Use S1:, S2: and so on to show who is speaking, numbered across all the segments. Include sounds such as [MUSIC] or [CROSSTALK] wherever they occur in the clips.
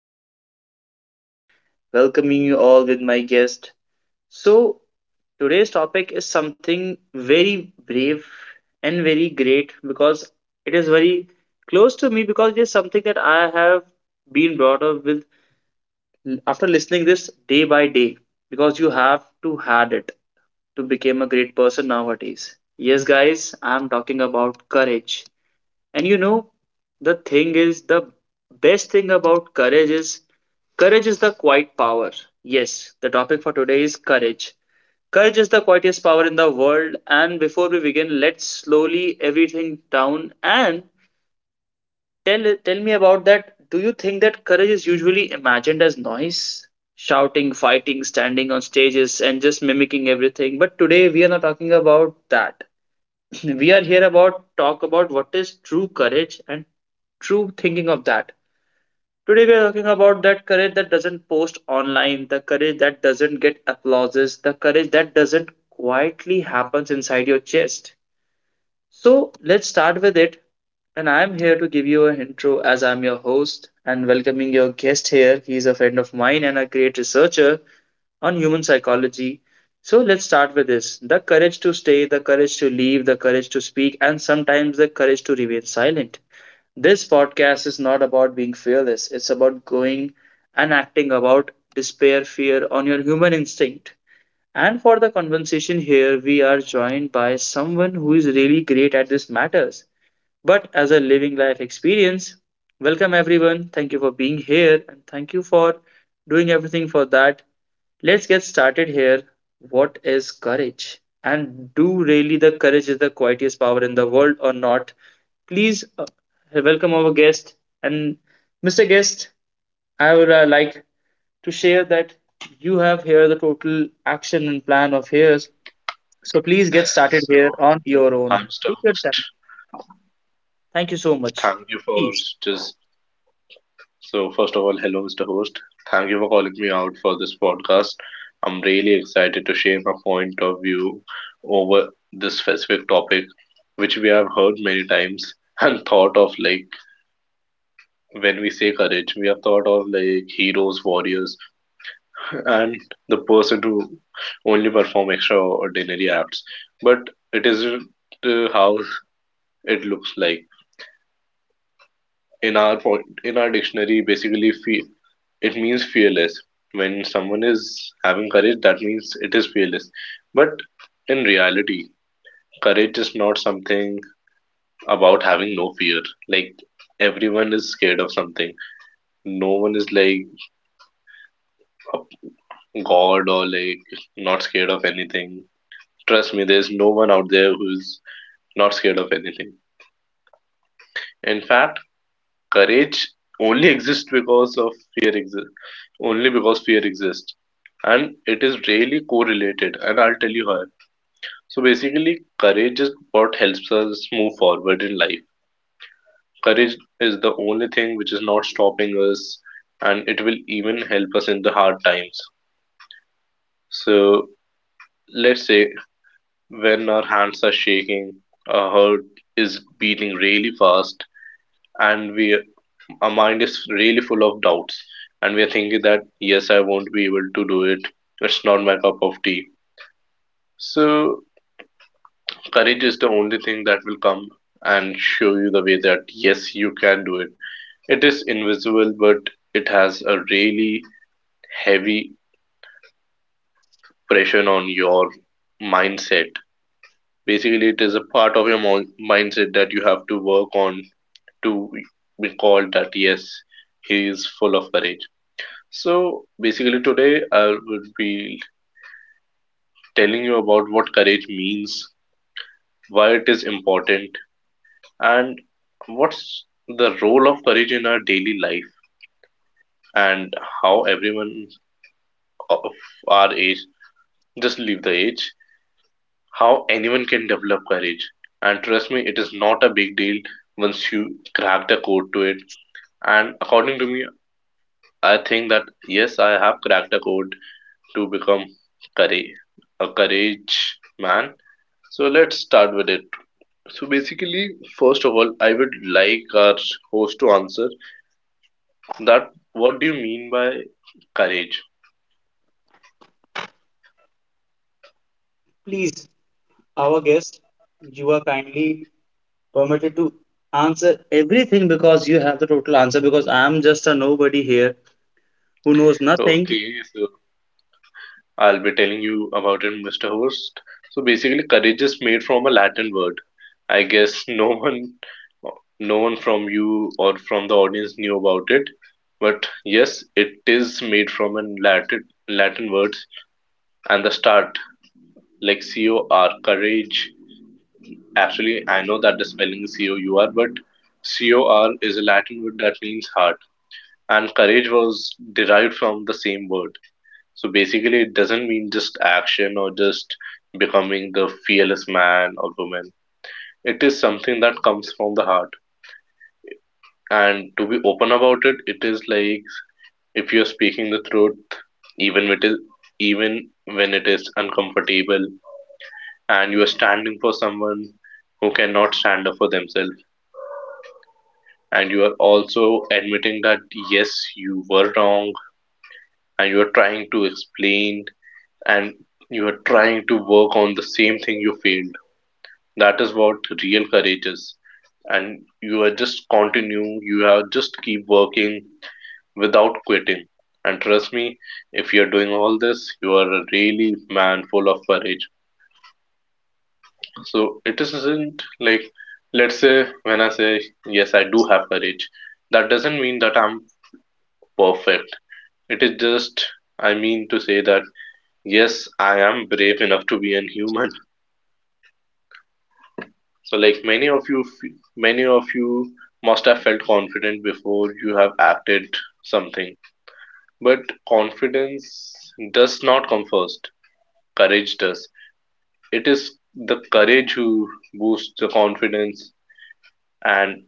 S1: am here, your host, welcoming you all with my guest. So, today's topic is something very brave and very great because it is very close to me because it is something that I have been brought up with after listening this day by day because you have to had it to become a great person nowadays. Yes, guys, I'm talking about courage and the thing is, the best thing about courage is the quiet power. Yes, the topic for today is courage. Courage is the quietest power in the world. And before we begin, let's slowly everything down and tell me about that. Do you think that courage is usually imagined as noise, shouting, fighting, standing on stages, and just mimicking everything? But today we are not talking about that. [CLEARS THROAT] We are here about talk about what is true courage and true thinking of that. Today we are talking about that courage that doesn't post online, the courage that doesn't get applauses, the courage that doesn't quietly happens inside your chest. So let's start with it. And I'm here to give you an intro as I'm your host and welcoming your guest here. He's a friend of mine and a great researcher on human psychology. So let's start with this the courage to stay, the courage to leave, the courage to speak, and sometimes the courage to remain silent. This podcast is not about being fearless, it's about going and acting about despair, fear on your human instinct. And for the conversation here, we are joined by someone who is really great at these matters, but as a living life experience. Welcome, everyone. Thank you for being here and thank you for doing everything for that. Let's get started here. What is courage? And do really the courage is the quietest power in the world or not? Please welcome our guest. And Mr. Guest, I would like to share that you have here the total action and plan of his so please get started here
S2: So
S1: on your own.
S2: I'm Mr.
S1: Take your time.
S2: Host.
S1: Thank you so much.
S2: Thank you for
S1: Please,
S2: just so first of all, hello Mr. Host. Thank you for calling me out for this podcast. I'm really excited to share my point of view over this specific topic, which we have heard many times [LAUGHS] and thought of like when we say courage, we have thought of like heroes, warriors, and the person who only perform extraordinary acts. But it isn't how it looks like. in our po- in our dictionary, basically, it means fearless. When someone is having courage, that means it is fearless. But in reality, courage is not something about having no fear. Like, everyone is scared of something. No one is like a god or like not scared of anything. Trust me, there's no one out there who's not scared of anything. In fact, courage only exists because of fear exists, only because fear exists. And it is really correlated, and I'll tell you how. So basically, courage is what helps us move forward in life. Courage is the only thing which is not stopping us, and it will even help us in the hard times. So let's say when our hands are shaking, our heart is beating really fast, and we our mind is really full of doubts, and we are thinking that yes, I won't be able to do it, it's not my cup of tea. So courage is the only thing that will come and show you the way that yes, you can do it. It is invisible, but it has a really heavy pressure on your mindset. Basically, it is a part of your mindset that you have to work on to be called that yes, he is full of courage. So basically, today I would be telling you about what courage means, why it is important, and what's the role of courage in our daily life, and how everyone of our age, just leave the age, how anyone can develop courage. And trust me, it is not a big deal once you crack the code to it. And according to me, I think that yes, I have cracked the code to become courage, a courage man. So let's start with it. So basically, first of all, I would like our host to answer that what do you mean by courage?
S1: please, our guest, you are kindly permitted to answer everything because you have the total answer. Because I am just a nobody here who knows nothing.
S2: Okay, so I'll be telling you about it, Mr. Host. So basically, courage is made from a Latin word. I guess no [LAUGHS] one, no one from you or from the audience knew about it, but yes, it is made from a Latin word, and the start like COR courage. Actually, I know that the spelling is C-O-U-R, but C-O-R is a Latin word that means heart, and courage was derived from the same word. So basically, it doesn't mean just action or just becoming the fearless man or woman. It is something that comes from the heart. And to be open about it, it is like if you're speaking the truth, even with it, is, even when it is uncomfortable, and you are standing for someone who cannot stand up for themselves, and you are also admitting that yes, you were wrong, and you are trying to explain, and you are trying to work on the same thing you failed. That is what real courage is. And you are just keep working without quitting. And trust me, if you are doing all this, you are a really man full of courage. So it isn't like, let's say, when I say yes, I do have courage, that doesn't mean that I'm perfect. It is just, I mean, to say that yes, I am brave enough to be a human. So, like many of you, many of you must have felt confident before you have acted something. But confidence does not come first. Courage does. It is the courage who boosts the confidence, and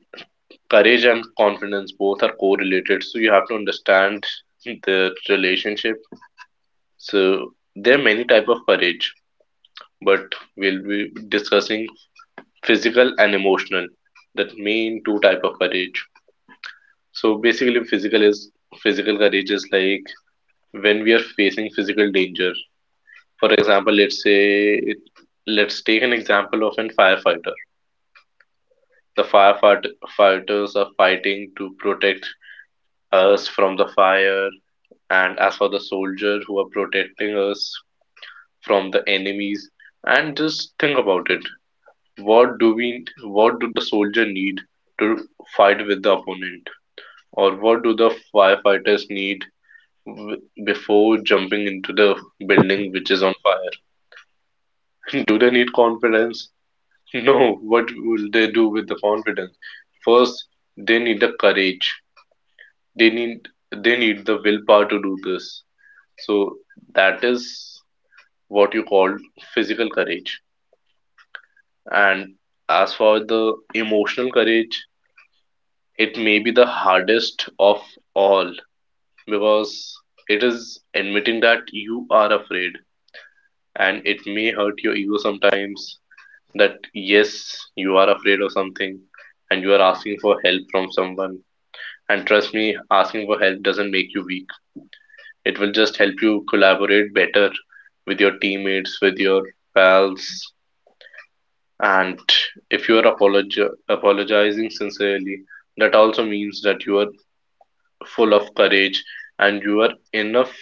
S2: courage and confidence both are correlated. So you have to understand [LAUGHS] the relationship. So there are many type of courage, but we'll be discussing physical and emotional, that main two type of courage. So basically, physical courage is like when we are facing physical danger. For example, let's take an example of a firefighter. The firefighters are fighting to protect us from the fire, and as for the soldier who are protecting us from the enemies. And just think about it. What do the soldier need to fight with the opponent? Or what do the firefighters need w- before jumping into the building which is on fire? [LAUGHS] Do they need confidence? [LAUGHS] No. What will they do with the confidence? First, they need the courage. They need they need the willpower to do this. So that is what you call physical courage. And as for the emotional courage, it may be the hardest of all, because it is admitting that you are afraid, and it may hurt your ego sometimes that yes, you are afraid of something, and you are asking for help from someone. And trust me, asking for help doesn't make you weak. It will just help you collaborate better with your teammates, with your pals. And if you are apologizing sincerely, that also means that you are full of courage. And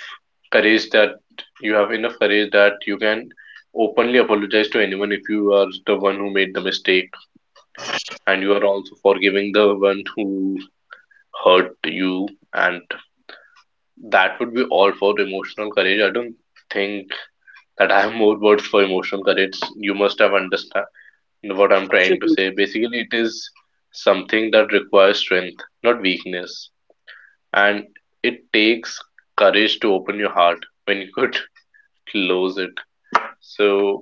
S2: courage that you have enough courage that you can openly apologize to anyone if you are the one who made the mistake, and you are also forgiving the one who hurt you. And that would be all for emotional courage. I don't think that I have more words for emotional courage. You must have understand what I'm trying to
S1: Absolutely.
S2: say. Basically, it is something that requires strength, not weakness. And it takes courage to open your heart when you could [LAUGHS] close it. So,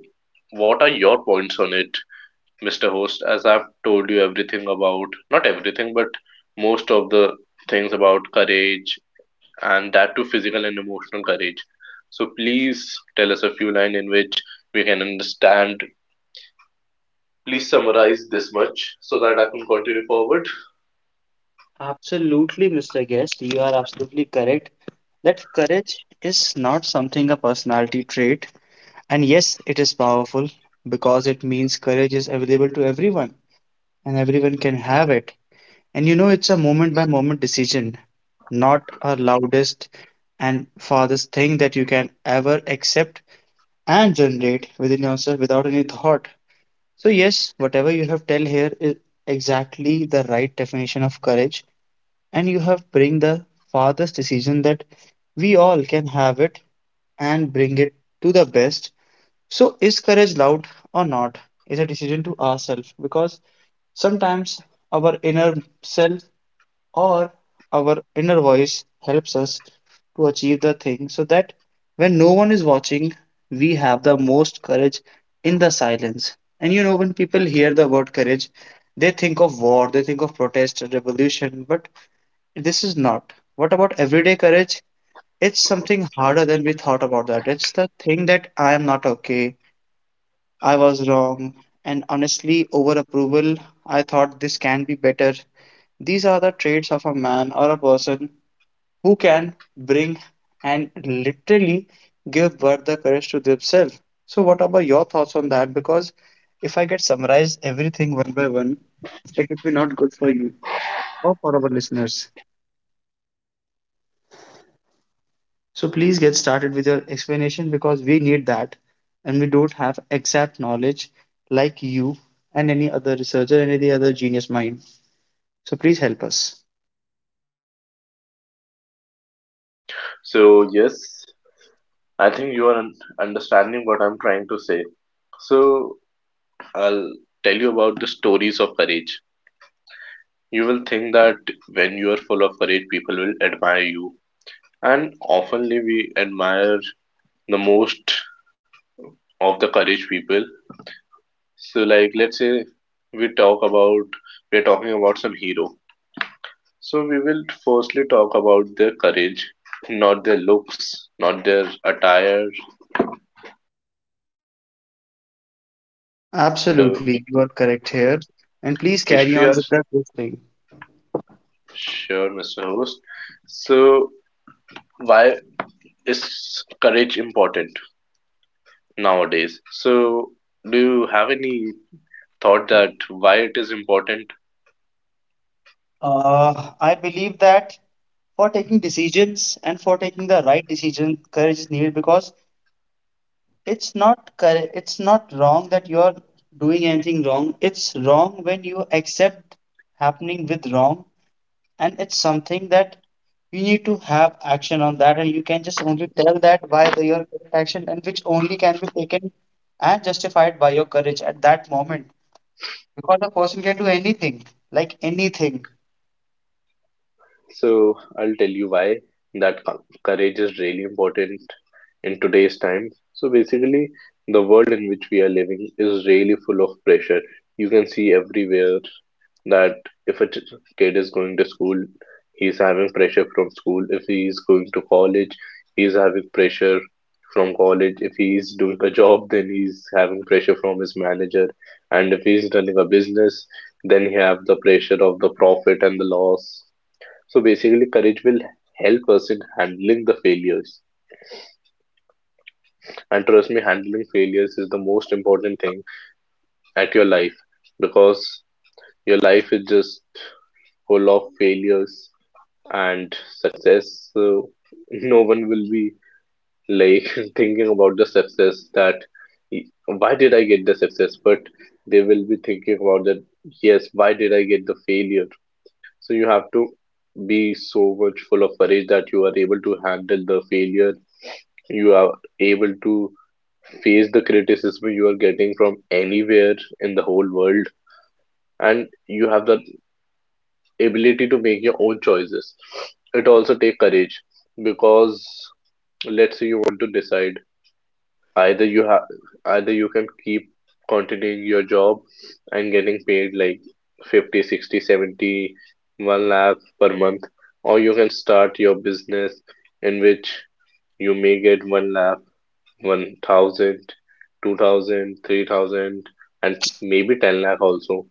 S2: what are your points on it, Mr. Host? As I've told you everything about, not everything, but most of the things about courage, and that too physical and emotional courage. So, please tell us a few lines in which we can understand. Please summarize this much so that I can continue forward.
S1: Absolutely, Mr. Guest, you are absolutely correct that courage is not something a personality trait. And yes, it is powerful because it means courage is available to everyone and everyone can have it. And you know, it's a moment by moment decision, not a loudest and farthest thing that you can ever accept and generate within yourself without any thought. So, yes, whatever you have tell here is exactly the right definition of courage, and you have bring the farthest decision that we all can have it and bring it to the best. So, is courage loud or not? Is a decision to ourselves because sometimes our inner self or our inner voice helps us to achieve the thing so that when no one is watching, we have the most courage in the silence. And you know, when people hear the word courage, they think of war, they think of protest, revolution, but this is not. What about everyday courage? It's something harder than we thought about that. It's the thing that I am not okay, I was wrong, and honestly, over approval, I thought this can be better. These are the traits of a man or a person who can bring and literally give birth the courage to themselves. So, what about your thoughts on that? Because if I get summarized everything one by one, it would be not good for you or for our listeners. So, please get started with your explanation because we need that and we don't have exact knowledge like you and any other researcher and any other genius mind. So, please help us.
S2: So, yes, I think you are understanding what I'm trying to say. So, I'll tell you about the stories of courage. You will think that when you are full of courage, people will admire you. And oftenly we admire the most of the courage people. So like, let's say we talk about we're talking about some hero. So we will firstly talk about their courage, not their looks, not their attire, and
S1: Absolutely, you are correct here. And please carry
S2: history
S1: on with
S2: as
S1: that good thing.
S2: sure, Mr. Host. So why is courage important nowadays? So, do you have any thought that why it is important?
S1: I believe that for taking decisions and for taking the right decision courage is needed because it's not wrong that you are doing anything wrong, it's wrong when you accept happening with wrong, and it's something that you need to have action on that, and you can just only tell that by the, your correct action and which only can be taken and justified by your courage at that moment because a person can do anything, like anything.
S2: So I'll tell you why that courage is really important in today's time. So basically, the world in which we are living is really full of pressure. You can see everywhere that if a kid is going to school, he's having pressure from school. If he is going to college, he's having pressure from college. If he's doing a job, then he's having pressure from his manager. And if he's running a business, then he have the pressure of the profit and the loss. So basically, courage will help us in handling the failures. And trust me, handling failures is the most important thing at your life, because your life is just full of failures and success. So [LAUGHS] no one will be like [LAUGHS] thinking about the success that, why did I get the success? But they will be thinking about that, yes, why did I get the failure? So you have to be so much full of courage that you are able to handle the failure. You are able to face the criticism you are getting from anywhere in the whole world, and you have the ability to make your own choices. It also takes courage, because let's say you want to decide. Either you have, Either you can keep continuing your job and getting paid like 50, 60, 70, 1 lakh per month, or you can start your business in which you may get 1 lakh, 1,000, 2,000, 3,000, and maybe 10 lakh also.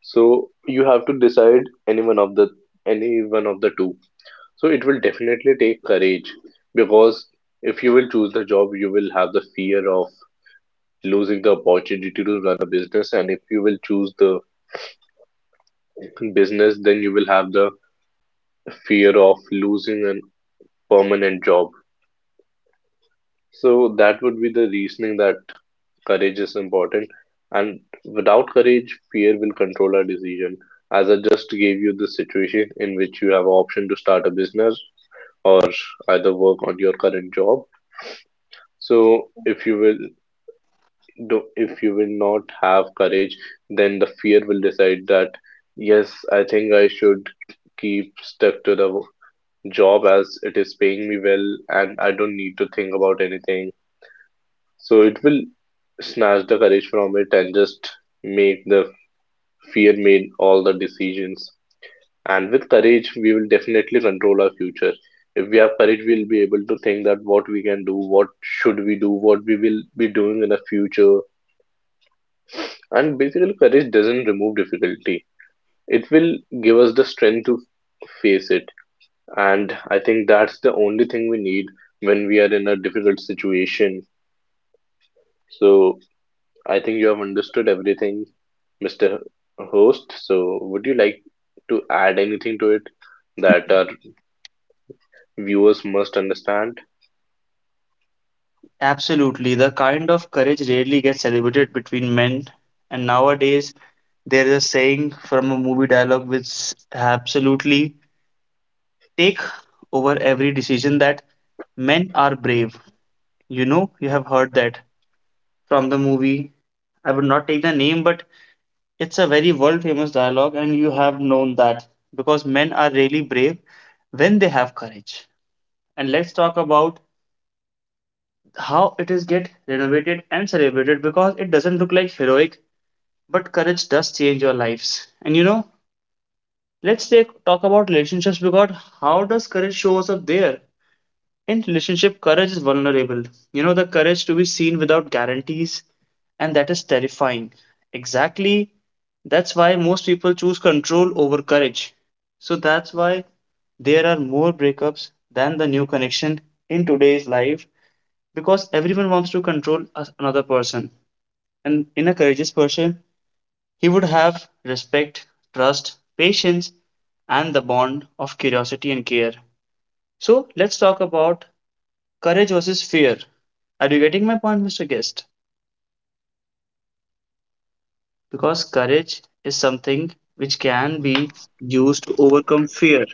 S2: So you have to decide any one of the any one of the two. So it will definitely take courage, because if you will choose the job, you will have the fear of losing the opportunity to run a business. And if you will choose the business, then you will have the fear of losing a permanent job. So that would be the reasoning that courage is important. And without courage, fear will control our decision. As I just gave you the situation in which you have option to start a business or either work on your current job. So if you will not have courage, then the fear will decide that, yes, I think I should keep stuck to the job as it is paying me well and I don't need to think about anything. So it will snatch the courage from it and just make the fear made all the decisions. And with courage, we will definitely control our future. If we have courage, we'll be able to think that what we can do, what should we do, what we will be doing in the future. And basically, courage doesn't remove difficulty. It will give us the strength to face it. And I think that's the only thing we need when we are in a difficult situation. So I think you have understood everything, Mr. Host. So would you like to add anything to it that our viewers must understand?
S1: Absolutely. The kind of courage rarely gets celebrated between men. And nowadays, there is a saying from a movie dialogue which absolutely take over every decision that men are brave. You know, you have heard that from the movie. I would not take the name, but it's a very world famous dialogue, and you have known that because men are really brave when they have courage. And let's talk about how it is get renovated and celebrated because it doesn't look like heroic but courage does change your lives. And you know, talk about relationships because how does courage shows up there? In relationship, courage is vulnerable. You know, the courage to be seen without guarantees, and that is terrifying. Exactly, that's why most people choose control over courage. So that's why there are more breakups than the new connection in today's life because everyone wants to another person. And in a courageous person, he would have respect, trust, patience, and the bond of curiosity and care. So let's talk about courage versus fear. Are you getting my point, Mr. Guest? Because courage is something which can be used to overcome fear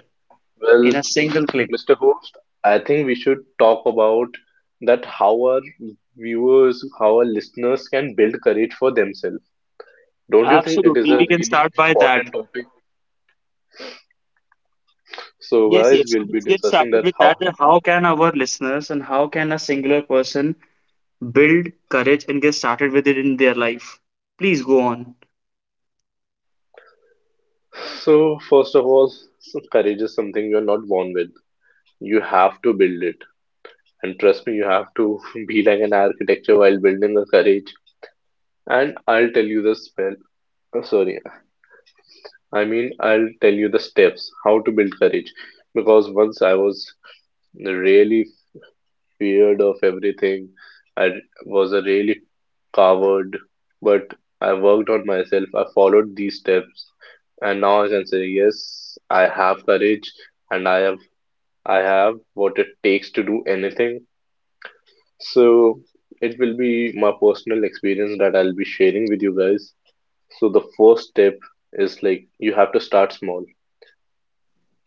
S1: in
S2: Well,
S1: a single click.
S2: Mr. Host, I think we should talk about that how our viewers, how our listeners can build courage for themselves. Don't you think it is a
S1: Absolutely, we can
S2: really
S1: start by that.
S2: important topic? So,
S1: Yes,
S2: guys,
S1: yes,
S2: we'll be
S1: let's get
S2: discussing
S1: started
S2: that
S1: with that.
S2: how.
S1: that. How can our listeners and how can a singular person build courage and get started with it in their life? Please go on.
S2: So, first of all, courage is something you're not born with. You have to build it. And trust me, you have to [LAUGHS] be like an architecture while building the courage. And I'll tell you the spell. Oh, sorry, I mean, I'll tell you the steps how to build courage. Because once I was really period of everything. I was a really coward, but I worked on myself. I followed these steps, and now I can say yes, I have courage, and I have what it takes to do anything. So it will be my personal experience that I'll be sharing with you guys. So the first step is like you have to start small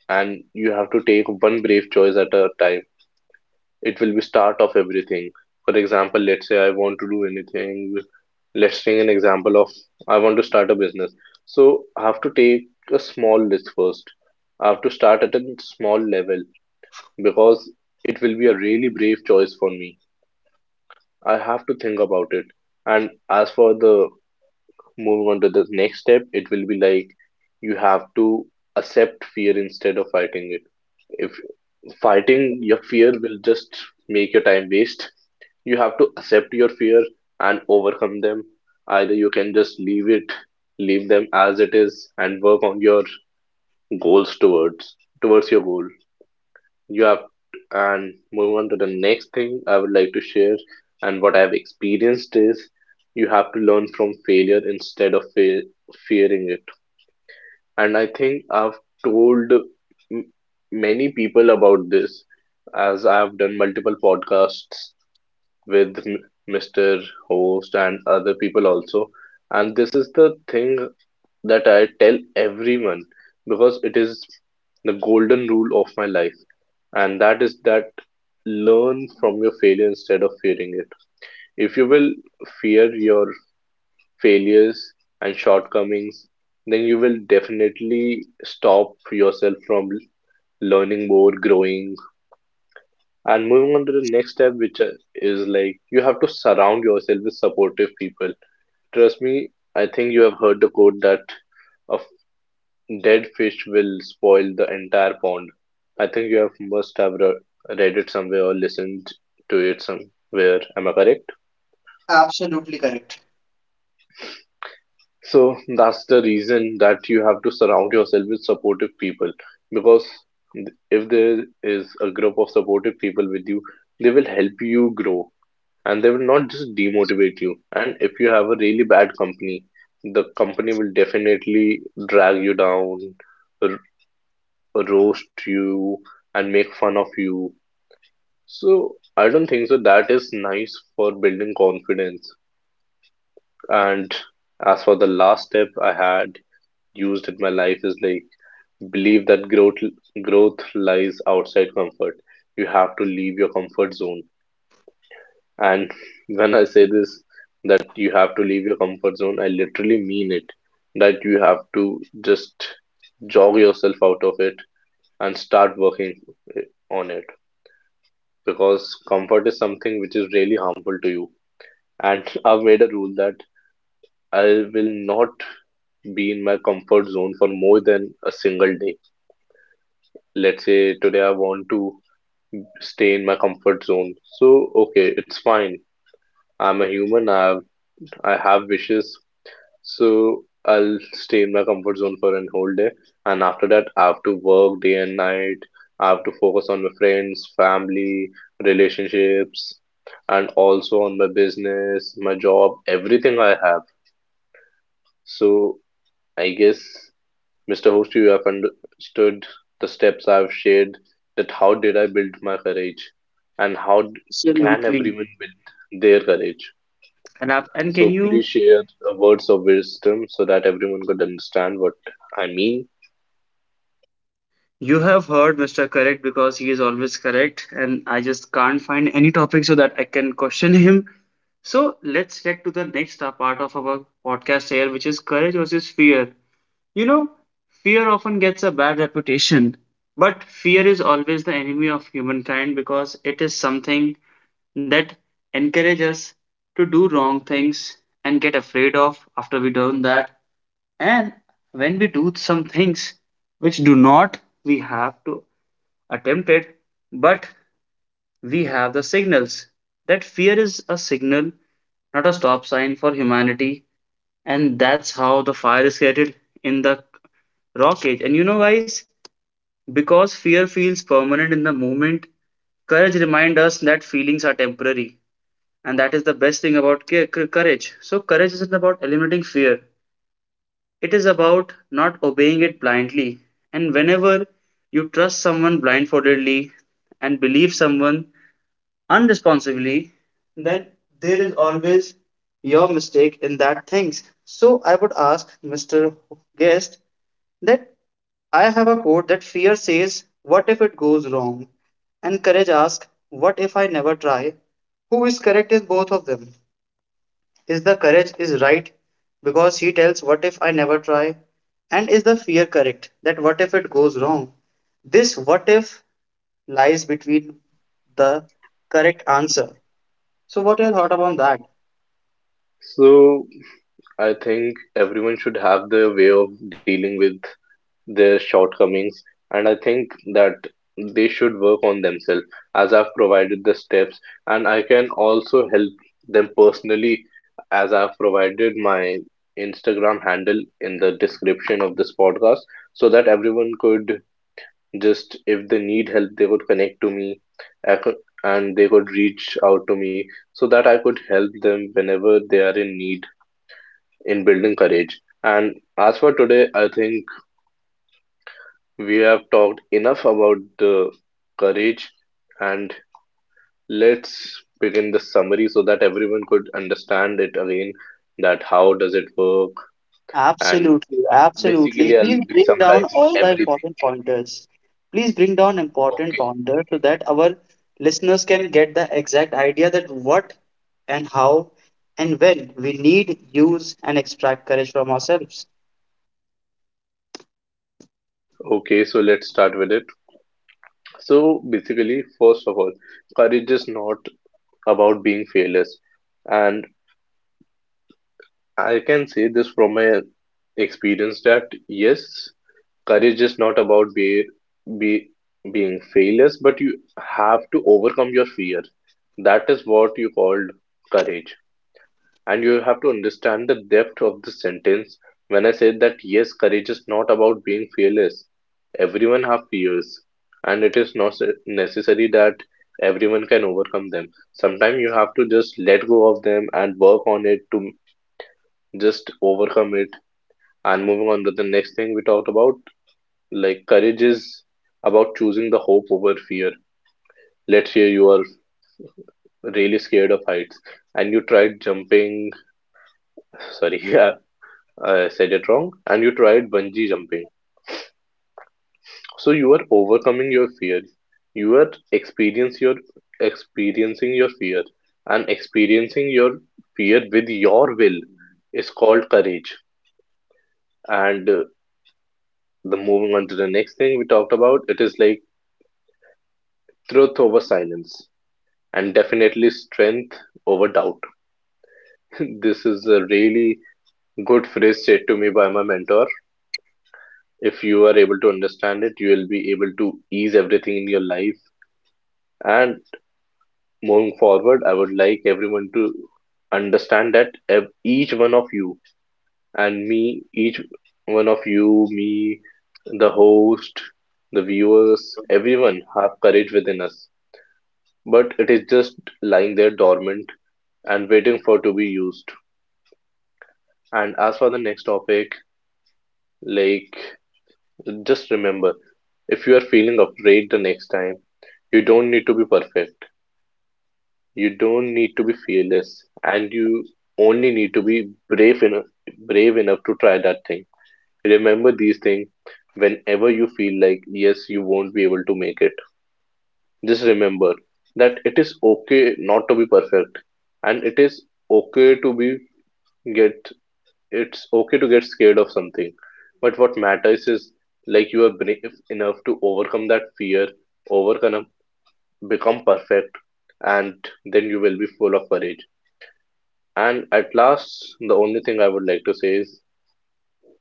S2: and you have to take one brave choice at a time. It will be start of everything. For example, let's say I want to do anything, let's take an example of I want to start a business. So I have to take a small list first, I have to start at a small level because it will be a really brave choice for me. I have to think about it. And as for the moving on to the next step, it will be like you have to accept fear instead of fighting it. If Fighting your fear will just make your time waste. You have to accept your fear and overcome them. Either you can just leave them as it is and work on your goals towards towards your goal. You have and move on to the next thing I would like to share. And what I have experienced is you have to learn from failure instead of fearing it. And I think I've told m- many people about this, as I have done multiple podcasts with Mr. Host and other people also. And this is the thing that I tell everyone, because it is the golden rule of my life. And that is that learn from your failure instead of fearing it. If you will fear your failures and shortcomings, then you will definitely stop yourself from learning more, growing, and moving on to the next step, which is like you have to surround yourself with supportive people. Trust me, I think you have heard the quote that a f- dead fish will spoil the entire pond. I think you have must have re- read it somewhere or listened to it somewhere. Am I correct?
S1: Absolutely correct.
S2: So that's the reason that you have to surround yourself with supportive people, because if there is a group of supportive people with you, they will help you grow and they will not just demotivate you. And if you have a really bad company, the company will definitely drag you down, r- roast you, and make fun of you. So I don't think so. That is nice for building confidence. And as for the last step I had used in my life is like believe that growth lies outside comfort. You have to leave your comfort zone. And when I say this, that you have to leave your comfort zone, I literally mean it. That you have to just jog yourself out of it and start working eh, on it, because comfort is something which is really harmful to you. And [LAUGHS] I've made a rule that I will not be in my comfort zone for more than a single day. Let's say today I want to stay in my comfort zone. So, okay, it's fine. I'm a human. I have wishes. So I'll stay in my comfort zone for an whole day, and after that, I have to work day and night. I have to focus on my friends, family, relationships, and also on my business, my job, everything I have. So I guess, Mr. Host, you have understood the steps I've shared, that how did I build my courage, and can
S1: Absolutely.
S2: everyone build their courage?
S1: And I, and can
S2: So
S1: you
S2: please share words of wisdom so that everyone could understand what I mean.
S1: you have heard Mr. Correct because he is always correct and I just can't find any topic so that I can question him. So let's get to the next part of our podcast here, which is courage versus fear. You know, fear often gets a bad reputation, but fear is always the enemy of humankind because it is something that encourages us to do wrong things and get afraid of after we done that. And when we do some things which do not, we have to attempt it, but we have the signals. That fear is a signal, not a stop sign for humanity. And that's how the fire is created in the rock age. And you know, guys, because fear feels permanent in the moment, courage reminds us that feelings are temporary. And that is the best thing about courage. So, courage isn't about eliminating fear, it is about not obeying it blindly. And whenever you trust someone blindfoldedly and believe someone unresponsibly, then there is always your mistake in that things. So I would ask Mr. Guest that I have a quote that fear says, "What if it goes wrong?" And courage asks, "What if I never try?" Who is correct in both of them? Is the courage is right because he tells what if I never try? And is the fear correct that what if it goes wrong? This what if lies between the correct answer. So what your thought about that?
S2: So I think everyone should have their way of dealing with their shortcomings, and I think that they should work on themselves as I've provided the steps, and I can also help them personally as I've provided my Instagram handle in the description of this podcast so that everyone could just if they need help, they could connect to me, I could, and they could reach out to me so that I could help them whenever they are in need in building courage. And as for today, I think we have talked enough about the courage, and let's begin the summary so that everyone could understand it again that how does it work. And
S1: Absolutely, absolutely.
S2: basically I'll
S1: Please
S2: be
S1: bring down
S2: summarizing
S1: all the
S2: everything.
S1: important pointers. Please bring down important
S2: Okay.
S1: pointers so that our listeners can get the exact idea that what and how and when we need use and extract courage from ourselves.
S2: Okay, so let's start with it. So basically, first of all, courage is not about being fearless. And I can say this from my experience that yes, courage is not about be being fearless, but you have to overcome your fear. That is what you called courage. And you have to understand the depth of the sentence when I say that yes, courage is not about being fearless. Everyone have fears, and it is not necessary that everyone can overcome them. Sometimes you have to just let go of them and work on it to just overcome it. And moving on to the next thing we talked about. Like courage is about choosing the hope over fear. Let's say you are really scared of heights and you tried jumping. [LAUGHS] Sorry, [LAUGHS] I said it wrong, and you tried bungee jumping. So you are overcoming your fear. You are experience your experiencing your fear, and experiencing your fear with your will is called courage. And the moving on to the next thing we talked about, it is like truth over silence, and definitely strength over doubt. [LAUGHS] This is a really good phrase said to me by my mentor. If you are able to understand it, you will be able to ease everything in your life. And moving forward, I would like everyone to understand that each one of you, me, the host, the viewers, everyone have courage within us. But it is just lying there dormant and waiting for to be used. And as for the next topic, like just remember, if you are feeling afraid the next time, you don't need to be perfect. You don't need to be fearless, and you only need to be brave enough to try that thing. Remember these things whenever you feel like yes, you won't be able to make it. Just remember that it is okay not to be perfect, and okay to be get it's okay to get scared of something. But what matters is like you are brave enough to overcome that fear, overcome become perfect, and then you will be full of courage. And at last, the only thing I would like to say is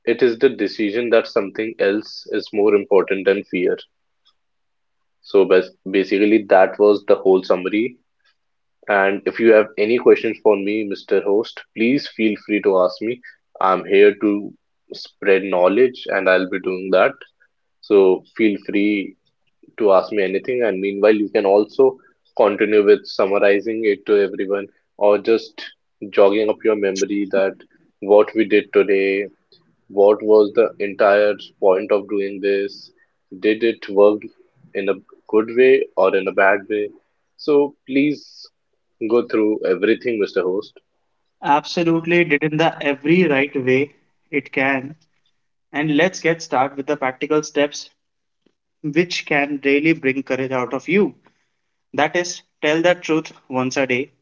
S2: it is the decision that something else is more important than fear. So basically, that was the whole summary. And if you have any questions for me, Mr. Host, please feel free to ask me. I'm here to spread knowledge and I'll be doing that. So feel free to ask me anything. And meanwhile, you can also continue with summarizing it to everyone or just jogging up your memory that what we did today. What was the entire point of doing this? Did it work in a good way or in a bad way? So please go through everything, Mr. Host.
S1: Absolutely did in the every right way it can. And let's get started with the practical steps which can really bring courage out of you. That is, tell the truth once a day.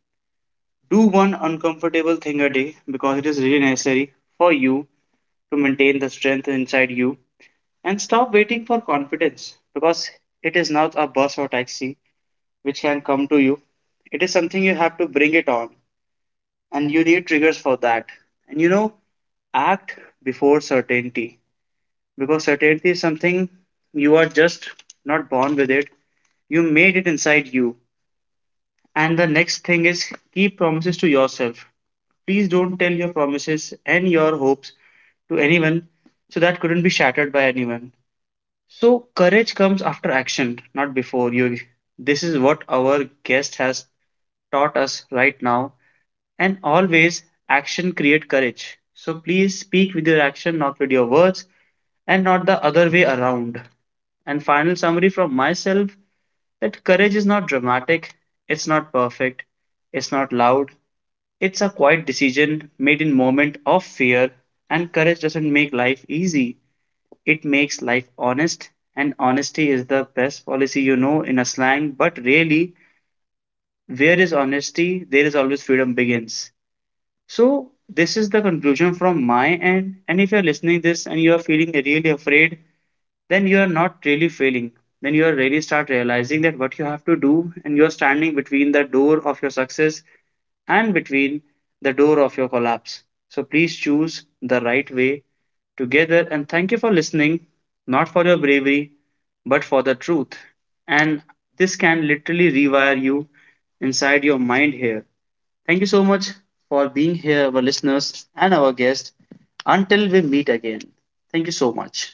S1: Do one uncomfortable thing a day because it is really necessary for you to maintain the strength inside you. And stop waiting for confidence because it is not a bus or taxi which can come to you. It is something you have to bring it on, and you need triggers for that. And you know, act before certainty because certainty is something you are just not born with, it you made it inside you. And the next thing is keep promises to yourself. Please don't tell your promises and your hopes to anyone so that couldn't be shattered by anyone. So courage comes after action, not before you. This is what our guest has taught us right now. And always action create courage, so please speak with your action, not with your words, and not the other way around. And final summary from myself that courage is not dramatic, it's not perfect, it's not loud, it's a quiet decision made in moment of fear, and courage doesn't make life easy. It makes life honest, and honesty is the best policy, you know, in a slang, but really, where is honesty there is always freedom begins. So this is the conclusion from my end, and if you're listening this and you are feeling really afraid, then you are not really failing, then you are really start realizing that what you have to do, and you are standing between the door of your success and between the door of your collapse. So please choose the right way together, and thank you for listening, not for your bravery, but for the truth. And this can literally rewire you inside your mind here. Thank you so much for being here, our listeners and our guest. Until we meet again, thank you so much.